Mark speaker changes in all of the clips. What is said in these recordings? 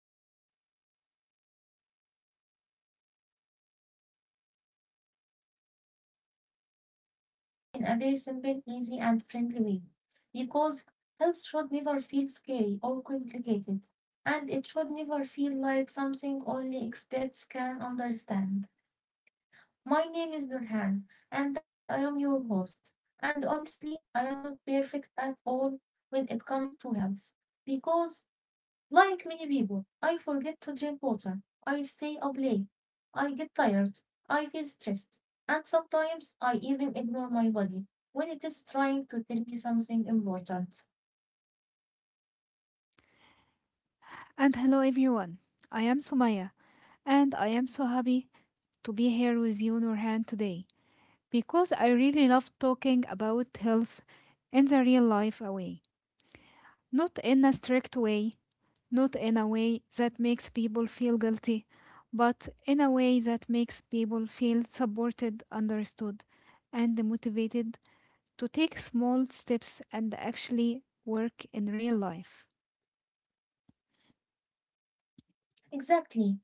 Speaker 1: Hello, everyone, and welcome to our podcast Health, where we talk about our bodies, our minds, and our daily habits in a very simple, easy, and friendly way. Because health should never feel scary or complicated, and it should never feel like something only experts can understand. My name is Nurhan, and I am your host. And honestly, I am not perfect at all when it comes to health, because like many people, I forget to drink water. I stay up late. I get tired. I feel stressed. And sometimes I even ignore my body when it is trying to tell me something important.
Speaker 2: And hello everyone. I am Sumaya and I am so happy to be here with you Nurhan today because I really love talking about health in the real life way. Not in a strict way, not in a way that makes people feel guilty, but in a way that makes people feel supported, understood, and motivated to take small steps and actually work in real life.
Speaker 1: Exactly.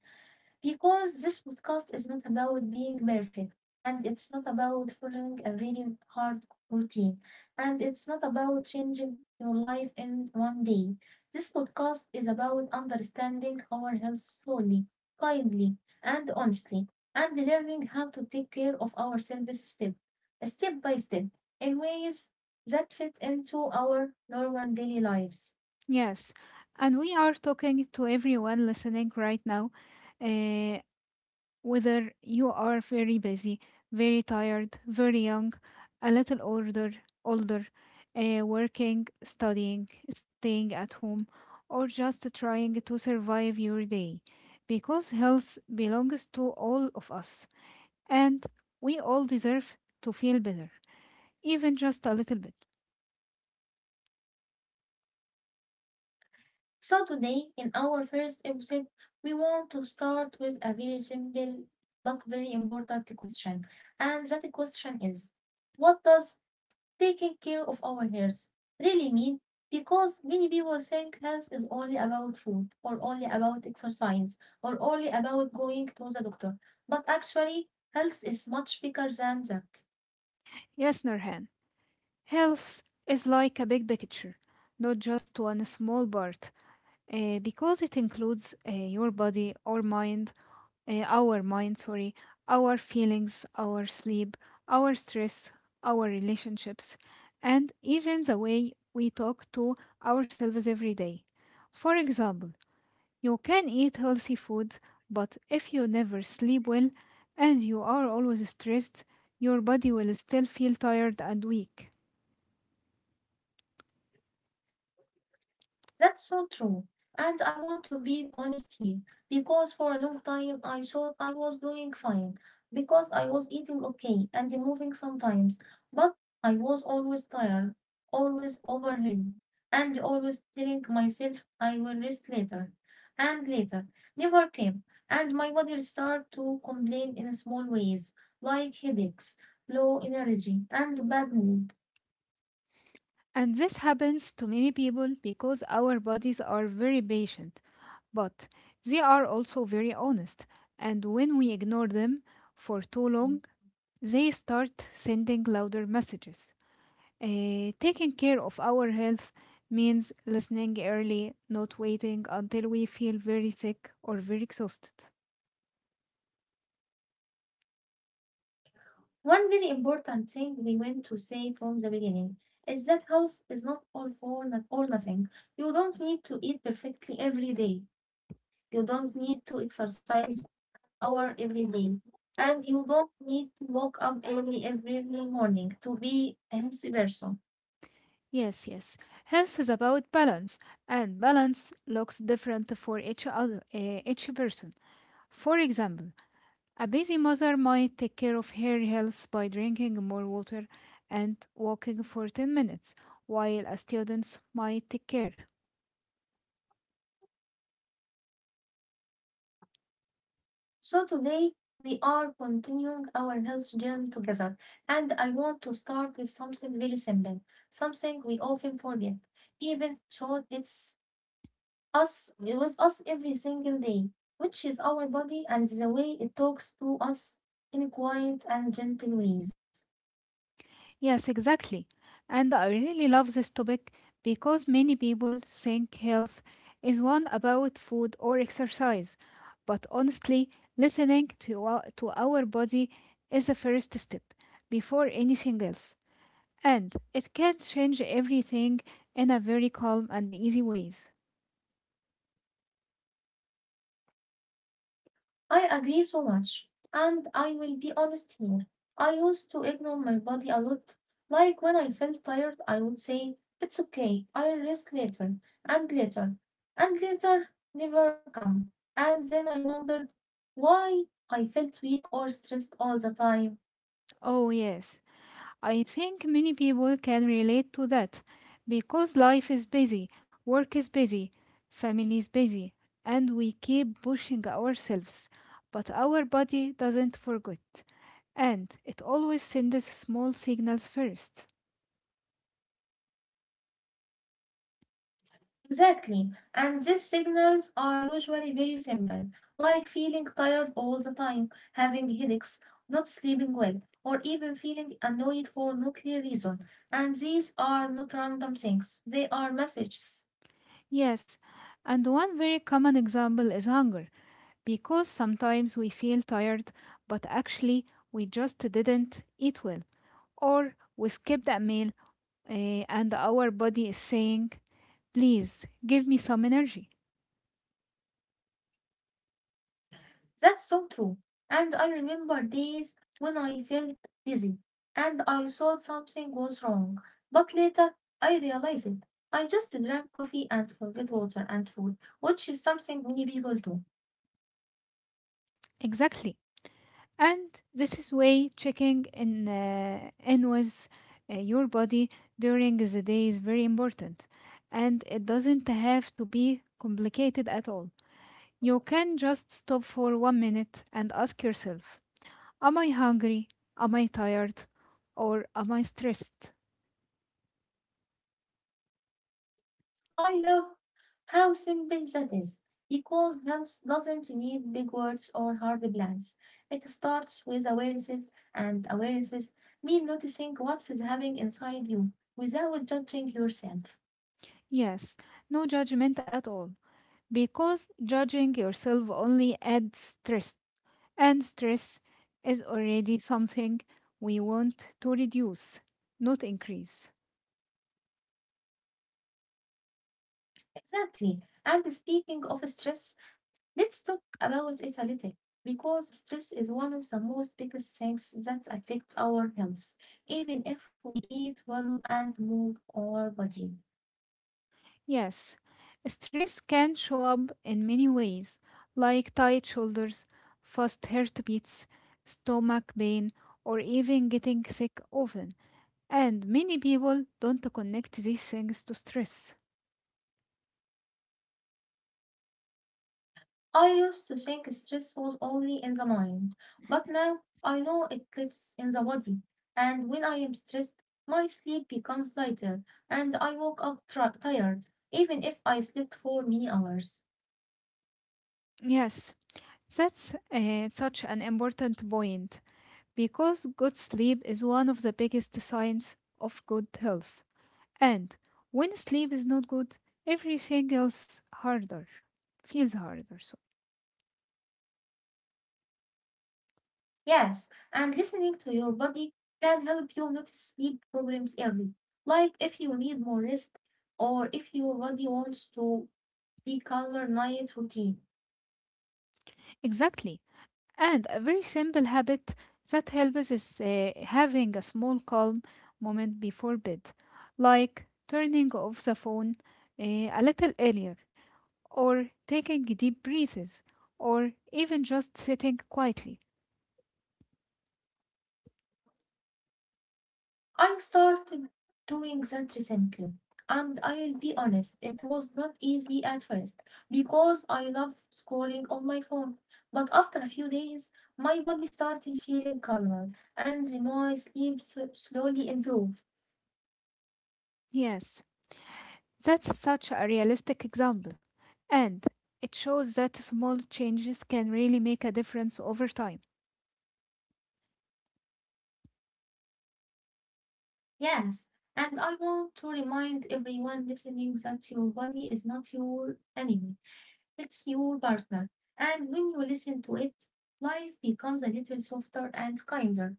Speaker 1: Because this podcast is not about being perfect, and it's not about following a very hard routine, and it's not about changing your life in one day. This podcast is about understanding our health slowly, kindly, and honestly, and learning how to take care of ourselves step by step, in ways that fit into our normal daily lives.
Speaker 2: Yes, and we are talking to everyone listening right now, uh, whether you are very busy, very tired, very young, a little older, older, working, studying, staying at home, or just trying to survive your day, because health belongs to all of us, and we all deserve to feel better, even just a little bit.
Speaker 1: So, today, in our first episode, we want to start with a very simple but very important question. And that question is: what does taking care of our health really mean? Because many people think health is only about food, or only about exercise, or only about going to the doctor. But actually, health is much bigger than that.
Speaker 2: Yes, Nurhan. Health is like a big picture, not just one small part, because it includes your body, our mind, uh, our mind, sorry, our feelings, our sleep, our stress, our relationships, and even the way we talk to ourselves every day. For example, you can eat healthy food, but if you never sleep well and you are always stressed, your body will still feel tired and weak.
Speaker 1: That's so true. And I want to be honest here because for a long time I thought I was doing fine because I was eating okay and moving sometimes, but I was always tired, always overwhelmed, and always telling myself I will rest later and later. Never came, and my body started to complain in small ways like headaches, low energy, and bad mood.
Speaker 2: And this happens to many people because our bodies are very patient, but they are also very honest. And when we ignore them for too long, they start sending louder messages. Taking care of our health means listening early, not waiting until we feel very sick or very exhausted.
Speaker 1: One very important thing we want to say from the beginning is that health is not all for or nothing. You don't need to eat perfectly every day. You don't need to exercise hour every day. And you don't need to wake up early every morning to be a healthy person.
Speaker 2: Yes, yes. Health is about balance, and balance looks different for each person. For example, a busy mother might take care of her health by drinking more water and walking for 10 minutes, while a student might take care.
Speaker 1: So today we are continuing our health journey together. And I want to start with something very simple, something we often forget, even though it's us with us every single day, which is our body and the way it talks to us in quiet and gentle ways.
Speaker 2: Yes, exactly. And I really love this topic because many people think health is one about food or exercise. But honestly, listening to to our body is the first step before anything else. And it can change everything in a very calm and easy ways.
Speaker 1: I agree so much, and I will be honest here. I used to ignore my body a lot. Like when I felt tired, I would say, it's okay, I'll rest later, and later, and later never come. And then I wondered why I felt weak or stressed all the time.
Speaker 2: Oh, yes. I think many people can relate to that because life is busy, work is busy, family is busy, and we keep pushing ourselves. But our body doesn't forget, and it always sends small signals first.
Speaker 1: Exactly. And these signals are usually very simple, like feeling tired all the time, having headaches, not sleeping well, or even feeling annoyed for no clear reason. And these are not random things, they are messages.
Speaker 2: Yes, and one very common example is hunger because sometimes we feel tired, but actually we just didn't eat well, or we skipped a meal, and our body is saying, please give me some energy.
Speaker 1: That's so true. And I remember days when I felt dizzy and I thought something was wrong. But later I realized it. I just drank coffee and forgot water and food, which is something many people do.
Speaker 2: Exactly, and this is way checking in with your body during the day is very important, and it doesn't have to be complicated at all. You can just stop for 1 minute and ask yourself, am I hungry, am I tired, or am I stressed?
Speaker 1: I love how simple that is, because health doesn't need big words or hard plans. It starts with awarenesses, and awarenesses mean noticing what's happening inside you without judging yourself.
Speaker 2: Yes, no judgment at all, because judging yourself only adds stress. And stress is already something we want to reduce, not increase.
Speaker 1: Exactly. And speaking of stress, let's talk about it a little, because stress is one of the most biggest things that affects our health, even if we eat well and move our body.
Speaker 2: Yes, stress can show up in many ways, like tight shoulders, fast heartbeats, stomach pain, or even getting sick often. And many people don't connect these things to stress.
Speaker 1: I used to think stress was only in the mind, but now I know it lives in the body. And when I am stressed, my sleep becomes lighter and I woke up tired, even if I slept for many hours.
Speaker 2: Yes, that's such an important point, because good sleep is one of the biggest signs of good health. And when sleep is not good, everything else harder feels harder. So
Speaker 1: Yes, and listening to your body can help you notice sleep problems early, like if you need more rest or if your body wants to be calmer night routine.
Speaker 2: exactly, and a very simple habit that helps is having a small calm moment before bed, like turning off the phone a little earlier, or taking deep breaths, or even just sitting quietly.
Speaker 1: I started doing that recently, and I'll be honest, it was not easy at first because I love scrolling on my phone. But after a few days, my body started feeling calmer and my slowly improved.
Speaker 2: Yes, that's such a realistic example. And it shows that small changes can really make a difference over time.
Speaker 1: Yes, and I want to remind everyone listening that your body is not your enemy, it's your partner. And when you listen to it, life becomes a little softer and kinder.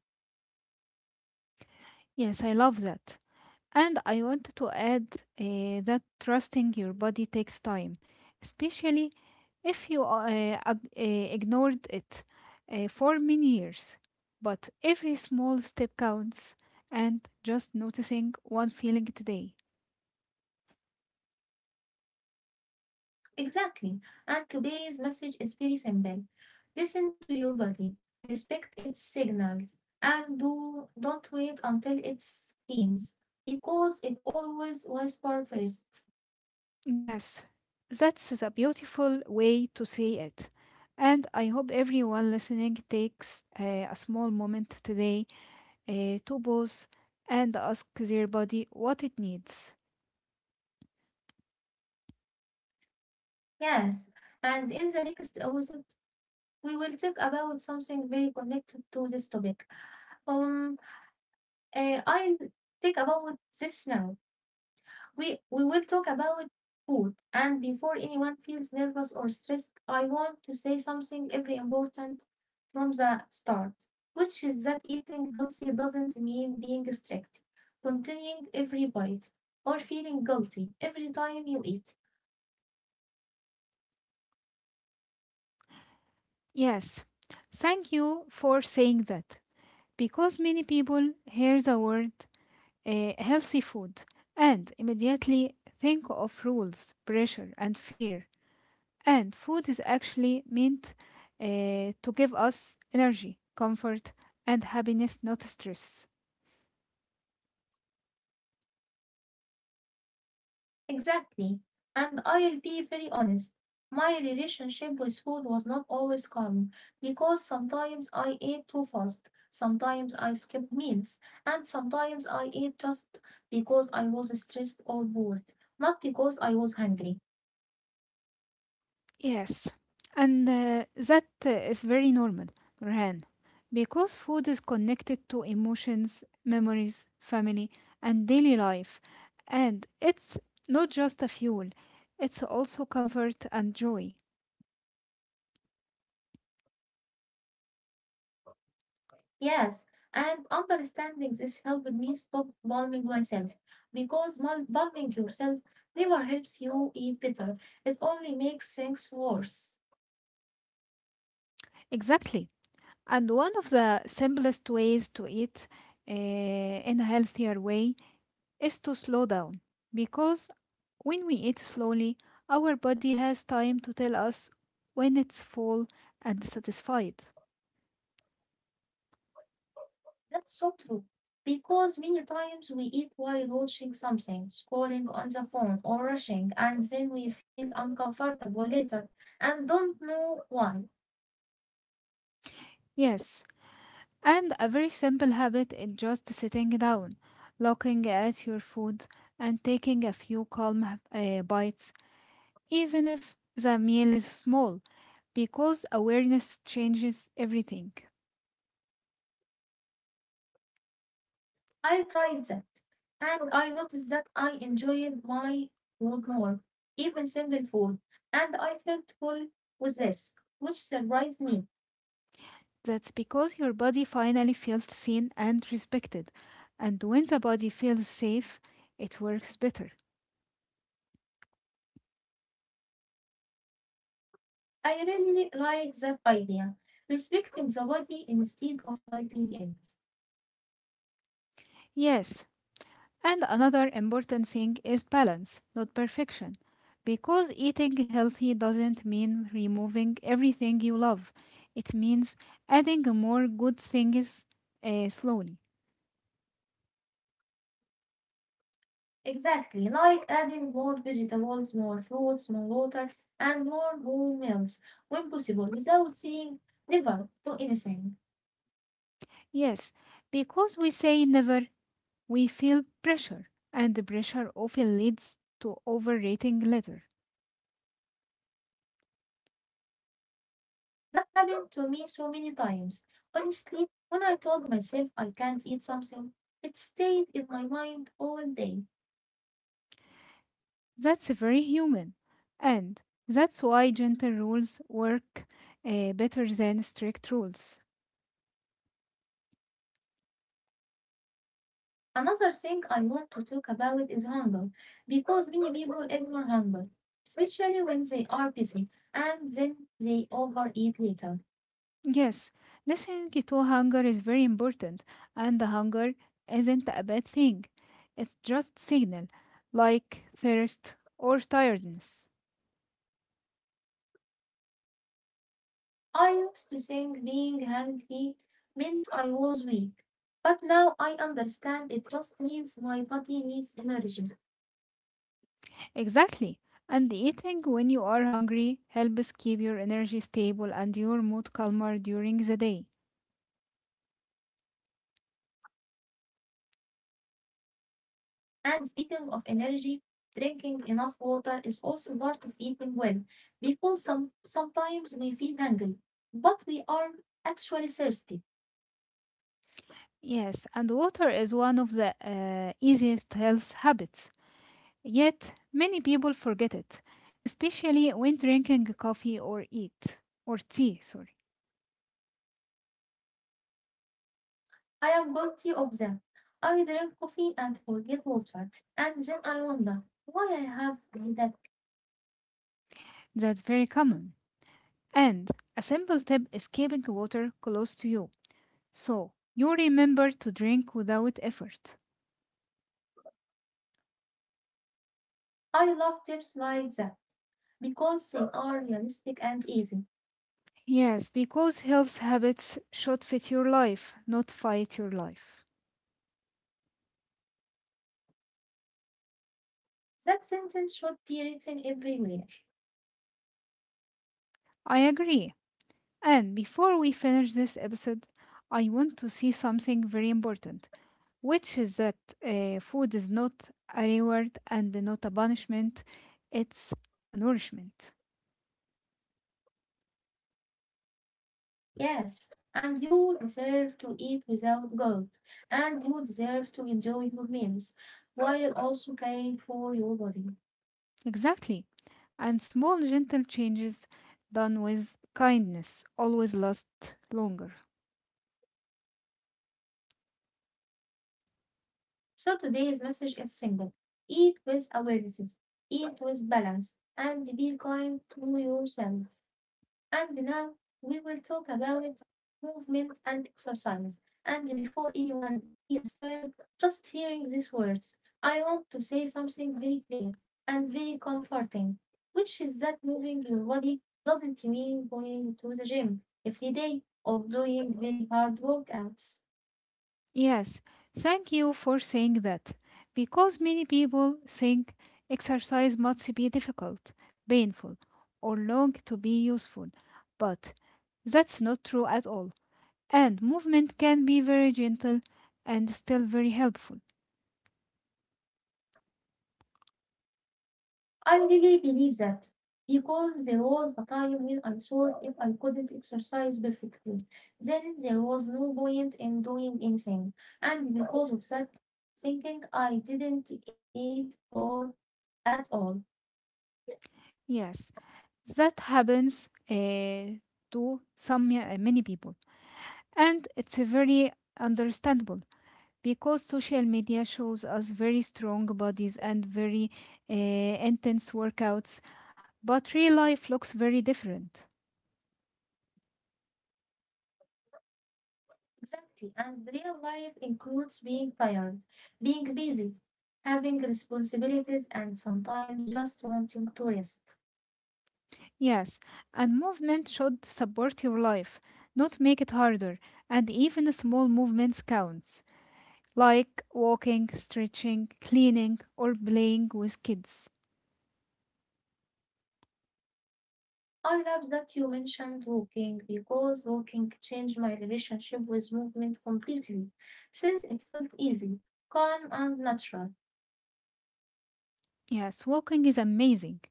Speaker 2: Yes, I love that. And I want to add that trusting your body takes time, especially if you ignored it for many years. But every small step counts, and just noticing one feeling today.
Speaker 1: Exactly. And today's message is very simple. Listen to your body, respect its signals, and do don't wait until it screams because it always whispers first.
Speaker 2: Yes, that's a beautiful way to say it. And I hope everyone listening takes a small moment today to pause and ask their body what it needs.
Speaker 1: Yes. And in the next episode, we will talk about something very connected to this topic. Um, I'll think about this now. We will talk about food. And before anyone feels nervous or stressed, I want to say something very important from the start, which is that eating healthy doesn't mean being strict, continuing every bite, or feeling guilty every time you eat.
Speaker 2: Yes, thank you for saying that, because many people hear the word healthy food and immediately think of rules, pressure, and fear. And food is actually meant to give us energy, comfort, and happiness, not stress.
Speaker 1: Exactly. And I'll be very honest. My relationship with food was not always calm because sometimes I ate too fast, sometimes I skipped meals, and sometimes I ate just because I was stressed or bored, not because I was hungry.
Speaker 2: Yes, and that is very normal, Rehan, because food is connected to emotions, memories, family, and daily life. And it's not just a fuel, it's also comfort and joy.
Speaker 1: Yes, and understanding this helped me stop blaming myself because blaming yourself never helps you eat better, it only makes things worse.
Speaker 2: Exactly. And one of the simplest ways to eat in a healthier way is to slow down, because when we eat slowly, our body has time to tell us when it's full and satisfied.
Speaker 1: That's so true. Because many times we eat while watching something, scrolling on the phone, or rushing, and then we feel uncomfortable later and don't know why.
Speaker 2: Yes, and a very simple habit is just sitting down, looking at your food, and taking a few calm bites, even if the meal is small, because awareness changes everything.
Speaker 1: I tried that, and I noticed that I enjoyed my food more, even simple food, and I felt full with this, which surprised me.
Speaker 2: That's because your body finally feels seen and respected, and when the body feels safe, it works better.
Speaker 1: I really like that idea, respecting the body instead of fighting it.
Speaker 2: Yes, and another important thing is balance, not perfection. Because eating healthy doesn't mean removing everything you love, it means adding more good things slowly.
Speaker 1: Exactly, like adding more vegetables, more fruits, more water, and more whole meals when possible without saying never do anything.
Speaker 2: Yes, because we say never, we feel pressure, and the pressure often leads to overrating later.
Speaker 1: That happened to me so many times. Honestly, when I told myself I can't eat something, it stayed in my mind all day.
Speaker 2: That's very human, and that's why gentle rules work better than strict rules.
Speaker 1: Another thing I want to talk about is hunger, because many people ignore hunger, especially when they are busy and then they overeat later.
Speaker 2: Yes, listening to hunger is very important, and the hunger isn't a bad thing. It's just signal, like thirst or tiredness.
Speaker 1: I used to think being hungry meant I was weak, but now I understand it just means my body needs energy.
Speaker 2: Exactly. And eating when you are hungry helps keep your energy stable and your mood calmer during the day.
Speaker 1: And speaking of energy, drinking enough water is also part of eating well, because sometimes we feel hungry, but we are actually thirsty.
Speaker 2: Yes, and water is one of the easiest health habits. Yet, many people forget it, especially when drinking coffee or eat or tea, sorry.
Speaker 1: I am guilty of that. I drink coffee and forget water, and then I wonder why I have done that.
Speaker 2: That's very common. And a simple tip is keeping water close to you so you remember to drink without effort.
Speaker 1: I love tips like that because they are realistic and easy.
Speaker 2: Yes, because health habits should fit your life, not fight your life.
Speaker 1: That sentence should be written everywhere.
Speaker 2: I agree. And before we finish this episode, I want to see something very important, which is that food is not a reward and not a punishment, it's a nourishment.
Speaker 1: Yes, and you deserve to eat without guilt, and you deserve to enjoy your meals while also caring for your body.
Speaker 2: Exactly. And small, gentle changes done with kindness always last longer.
Speaker 1: So today's message is simple: eat with awareness, eat with balance, and be kind to yourself. And now we will talk about movement and exercise. And before anyone feels tired, just hearing these words, I want to say something very clear and very comforting, which is that moving your body doesn't mean going to the gym every day or doing very hard workouts.
Speaker 2: Yes, thank you for saying that. Because many people think exercise must be difficult, painful, or long to be useful. But that's not true at all. And movement can be very gentle and still very helpful.
Speaker 1: I really believe that because there was a time when I thought if I couldn't exercise perfectly, then there was no point in doing anything. And because of that thinking, I didn't eat or at all.
Speaker 2: Yes, that happens to some many people. And it's a very understandable, because social media shows us very strong bodies and very intense workouts, but real life looks very different.
Speaker 1: Exactly. And real life includes being tired, being busy, having responsibilities, and sometimes just wanting to rest.
Speaker 2: Yes, and movement should support your life, not make it harder, and even small movements counts, like walking, stretching, cleaning, or playing with kids.
Speaker 1: I love that you mentioned walking because walking changed my relationship with movement completely since it felt easy, calm, and natural.
Speaker 2: Yes, walking is amazing,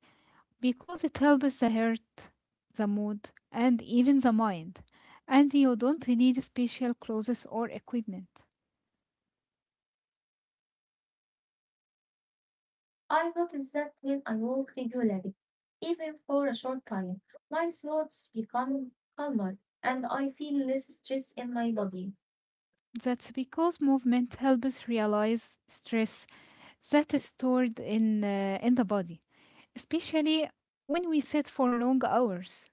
Speaker 2: because it helps the heart, the mood, and even the mind. And you don't need special clothes or equipment.
Speaker 1: I noticed that when I walk regularly, even for a short time, my thoughts become calmer and I feel less stress in my body.
Speaker 2: That's because movement helps realize stress that is stored in the body, especially when we sit for long hours.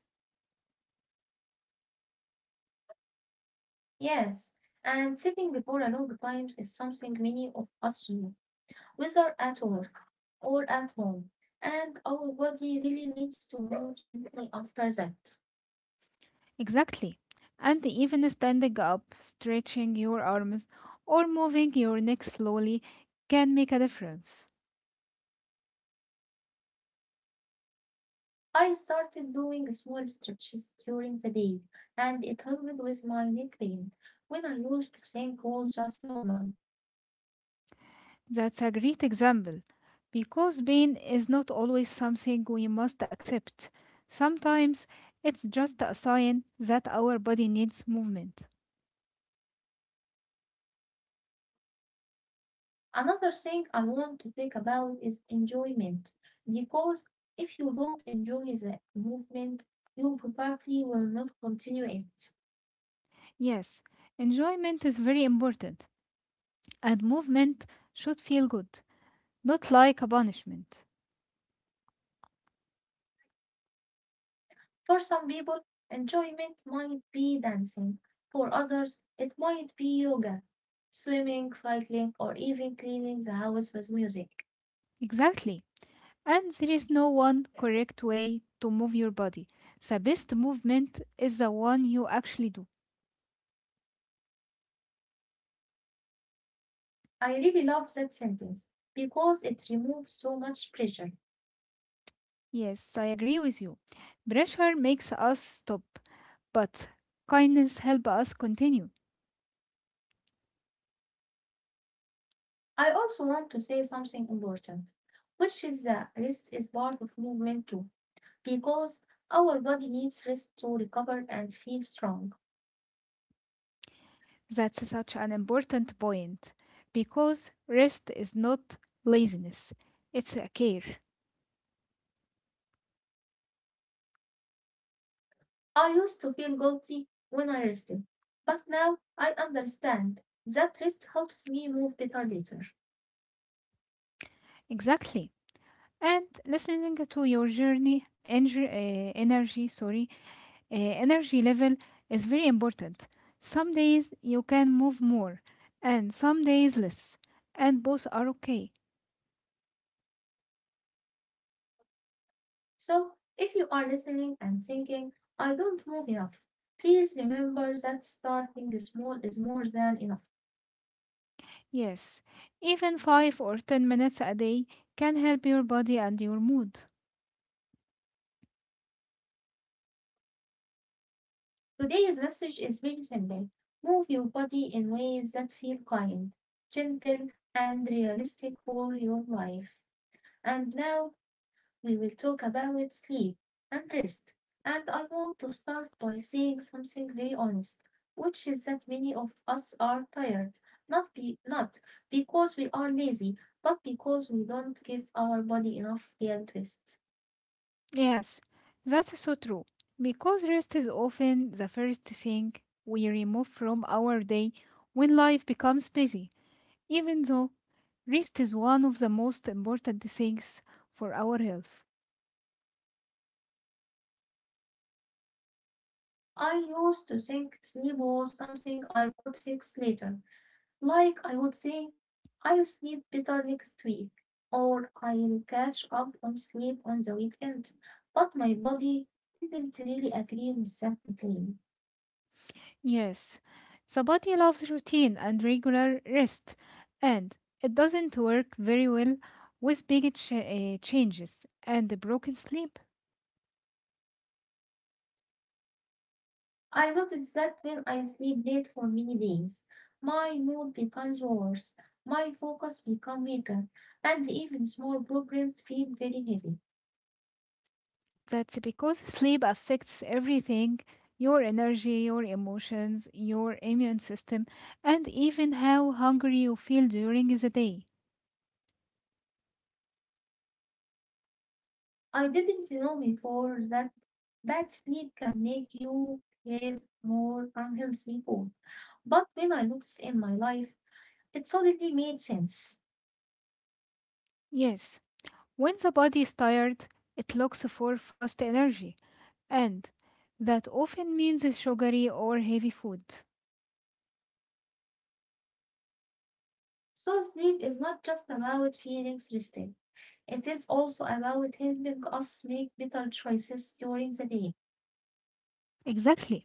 Speaker 1: Yes, and sitting for a long time is something many of us do, whether at work or at home, and our body really needs to move gently after that.
Speaker 2: Exactly. And even standing up, stretching your arms, or moving your neck slowly can make a difference.
Speaker 1: I started doing small stretches during the day, and it helped with my neck pain when I used to think was just normal.
Speaker 2: That's a great example, because pain is not always something we must accept. Sometimes it's just a sign that our body needs movement.
Speaker 1: Another thing I want to think about is enjoyment, because if you don't enjoy the movement, you probably will not continue it.
Speaker 2: Yes, enjoyment is very important, and movement should feel good, not like a punishment.
Speaker 1: For some people, enjoyment might be dancing. For others, it might be yoga, swimming, cycling, or even cleaning the house with music.
Speaker 2: Exactly. And there is no one correct way to move your body. The best movement is the one you actually do.
Speaker 1: I really love that sentence because it removes so much pressure.
Speaker 2: Yes, I agree with you. Pressure makes us stop, but kindness helps us continue.
Speaker 1: I also want to say something important, which is that rest is part of movement too, because our body needs rest to recover and feel strong.
Speaker 2: That's such an important point, because rest is not laziness, it's a care.
Speaker 1: I used to feel guilty when I rested, but now I understand that rest helps me move better later.
Speaker 2: Exactly. And listening to your journey, energy, energy sorry, energy level is very important. Some days you can move more, and some days less, and both are okay.
Speaker 1: So, if you are listening and thinking, I don't move enough, please remember that starting small is more than enough.
Speaker 2: Yes, even 5 or 10 minutes a day can help your body and your mood.
Speaker 1: Today's message is very simple. Move your body in ways that feel kind, gentle, and realistic for your life. And now we will talk about sleep and rest. And I want to start by saying something very honest, which is that many of us are tired, not because we are lazy, but because we don't give our body enough real rest.
Speaker 2: Yes, that's so true. Because rest is often the first thing we remove from our day when life becomes busy, even though rest is one of the most important things for our health.
Speaker 1: I used to think sleep was something I could fix later, like I would say, I'll sleep better next week, or I'll catch up on sleep on the weekend. But my body didn't really agree with that plan.
Speaker 2: Yes, the body loves routine and regular rest, and it doesn't work very well with big changes and broken sleep.
Speaker 1: I noticed that when I sleep late for many days, my mood becomes worse, my focus becomes weaker, and even small problems feel very heavy.
Speaker 2: That's because sleep affects everything, your energy, your emotions, your immune system, and even how hungry you feel during the day.
Speaker 1: I didn't know before that bad sleep can make you crave more unhealthy food. But when I look in my life, it suddenly made sense.
Speaker 2: Yes, when the body is tired, it looks for fast energy. And that often means sugary or heavy food.
Speaker 1: So, sleep is not just about feelings resting; it is also about helping us make better choices during the day.
Speaker 2: Exactly.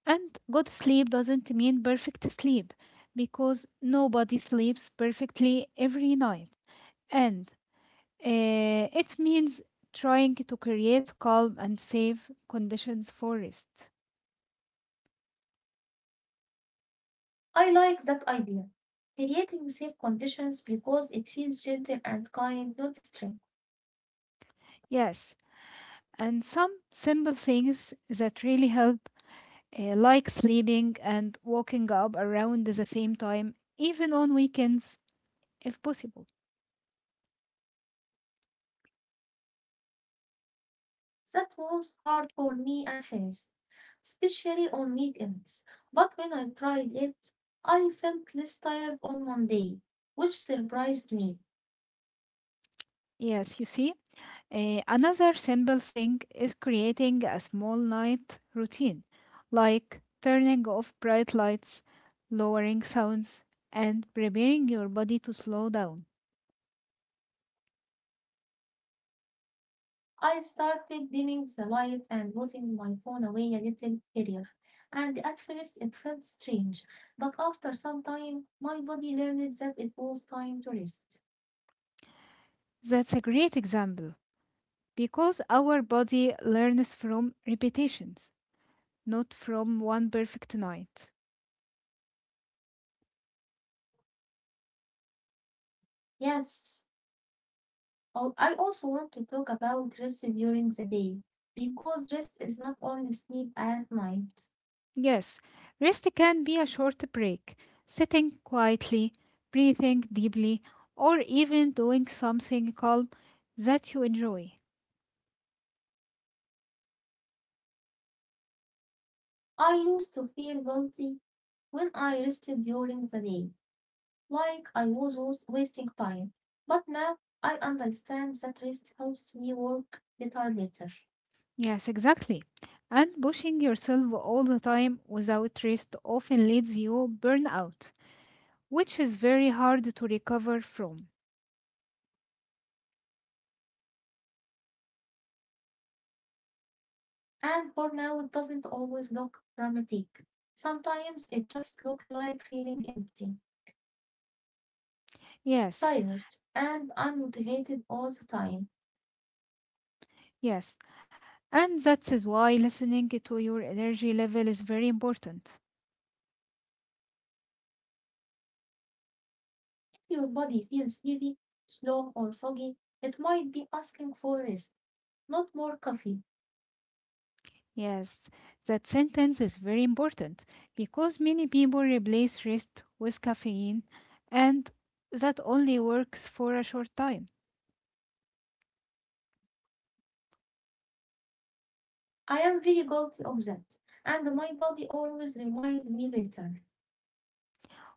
Speaker 2: And good sleep doesn't mean perfect sleep, because nobody sleeps perfectly every night. And it means trying to create calm and safe conditions for rest.
Speaker 1: I like that idea. Creating safe conditions because it feels gentle and kind, not strict.
Speaker 2: Yes, and some simple things that really help, like sleeping and waking up around the same time, even on weekends if possible.
Speaker 1: That was hard for me at first, especially on weekends. But when I tried it, I felt less tired on Monday, which surprised me.
Speaker 2: Yes, you see? Another simple thing is creating a small night routine, like turning off bright lights, lowering sounds, and preparing your body to slow down.
Speaker 1: I started dimming the light and putting my phone away a little earlier, and at first it felt strange, but after some time my body learned that it was time to rest.
Speaker 2: That's a great example, because our body learns from repetitions, not from one perfect night.
Speaker 1: Yes, I also want to talk about rest during the day, because rest is not only sleep at night.
Speaker 2: Yes, rest can be a short break, sitting quietly, breathing deeply, or even doing something calm that you enjoy.
Speaker 1: I used to feel guilty when I rested during the day, like I was wasting time. But now I understand that rest helps me work better later.
Speaker 2: Yes, exactly. And pushing yourself all the time without rest often leads you burnout, which is very hard to recover from.
Speaker 1: And burnout doesn't always look dramatic. Sometimes it just looks like feeling empty,
Speaker 2: Yes,
Speaker 1: tired, and unmotivated all the time.
Speaker 2: yes. And that is why listening to your energy level is very important.
Speaker 1: If your body feels heavy, slow, or foggy, it might be asking for rest, not more coffee.
Speaker 2: Yes, that sentence is very important, because many people replace rest with caffeine and that only works for a short time.
Speaker 1: I am really guilty of that, and my body always reminds me later.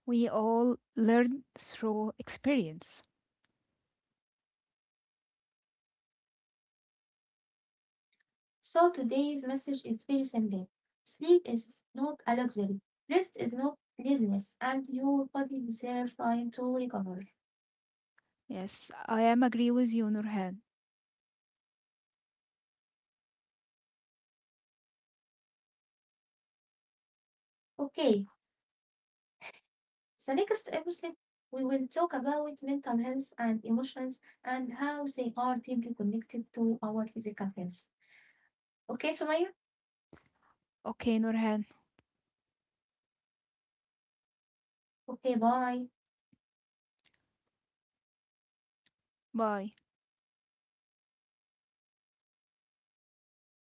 Speaker 2: We all learn through experience.
Speaker 1: So today's message is very simple. Sleep is not a luxury. Rest is not laziness, and your body deserves time to recover.
Speaker 2: Yes, I am agree with you, Nurhan.
Speaker 1: Okay, so next episode we will talk about mental health and emotions and how they are deeply connected to our physical health. Okay, Sumaya?
Speaker 2: Okay, Nurhan.
Speaker 1: Okay, bye.
Speaker 2: Bye.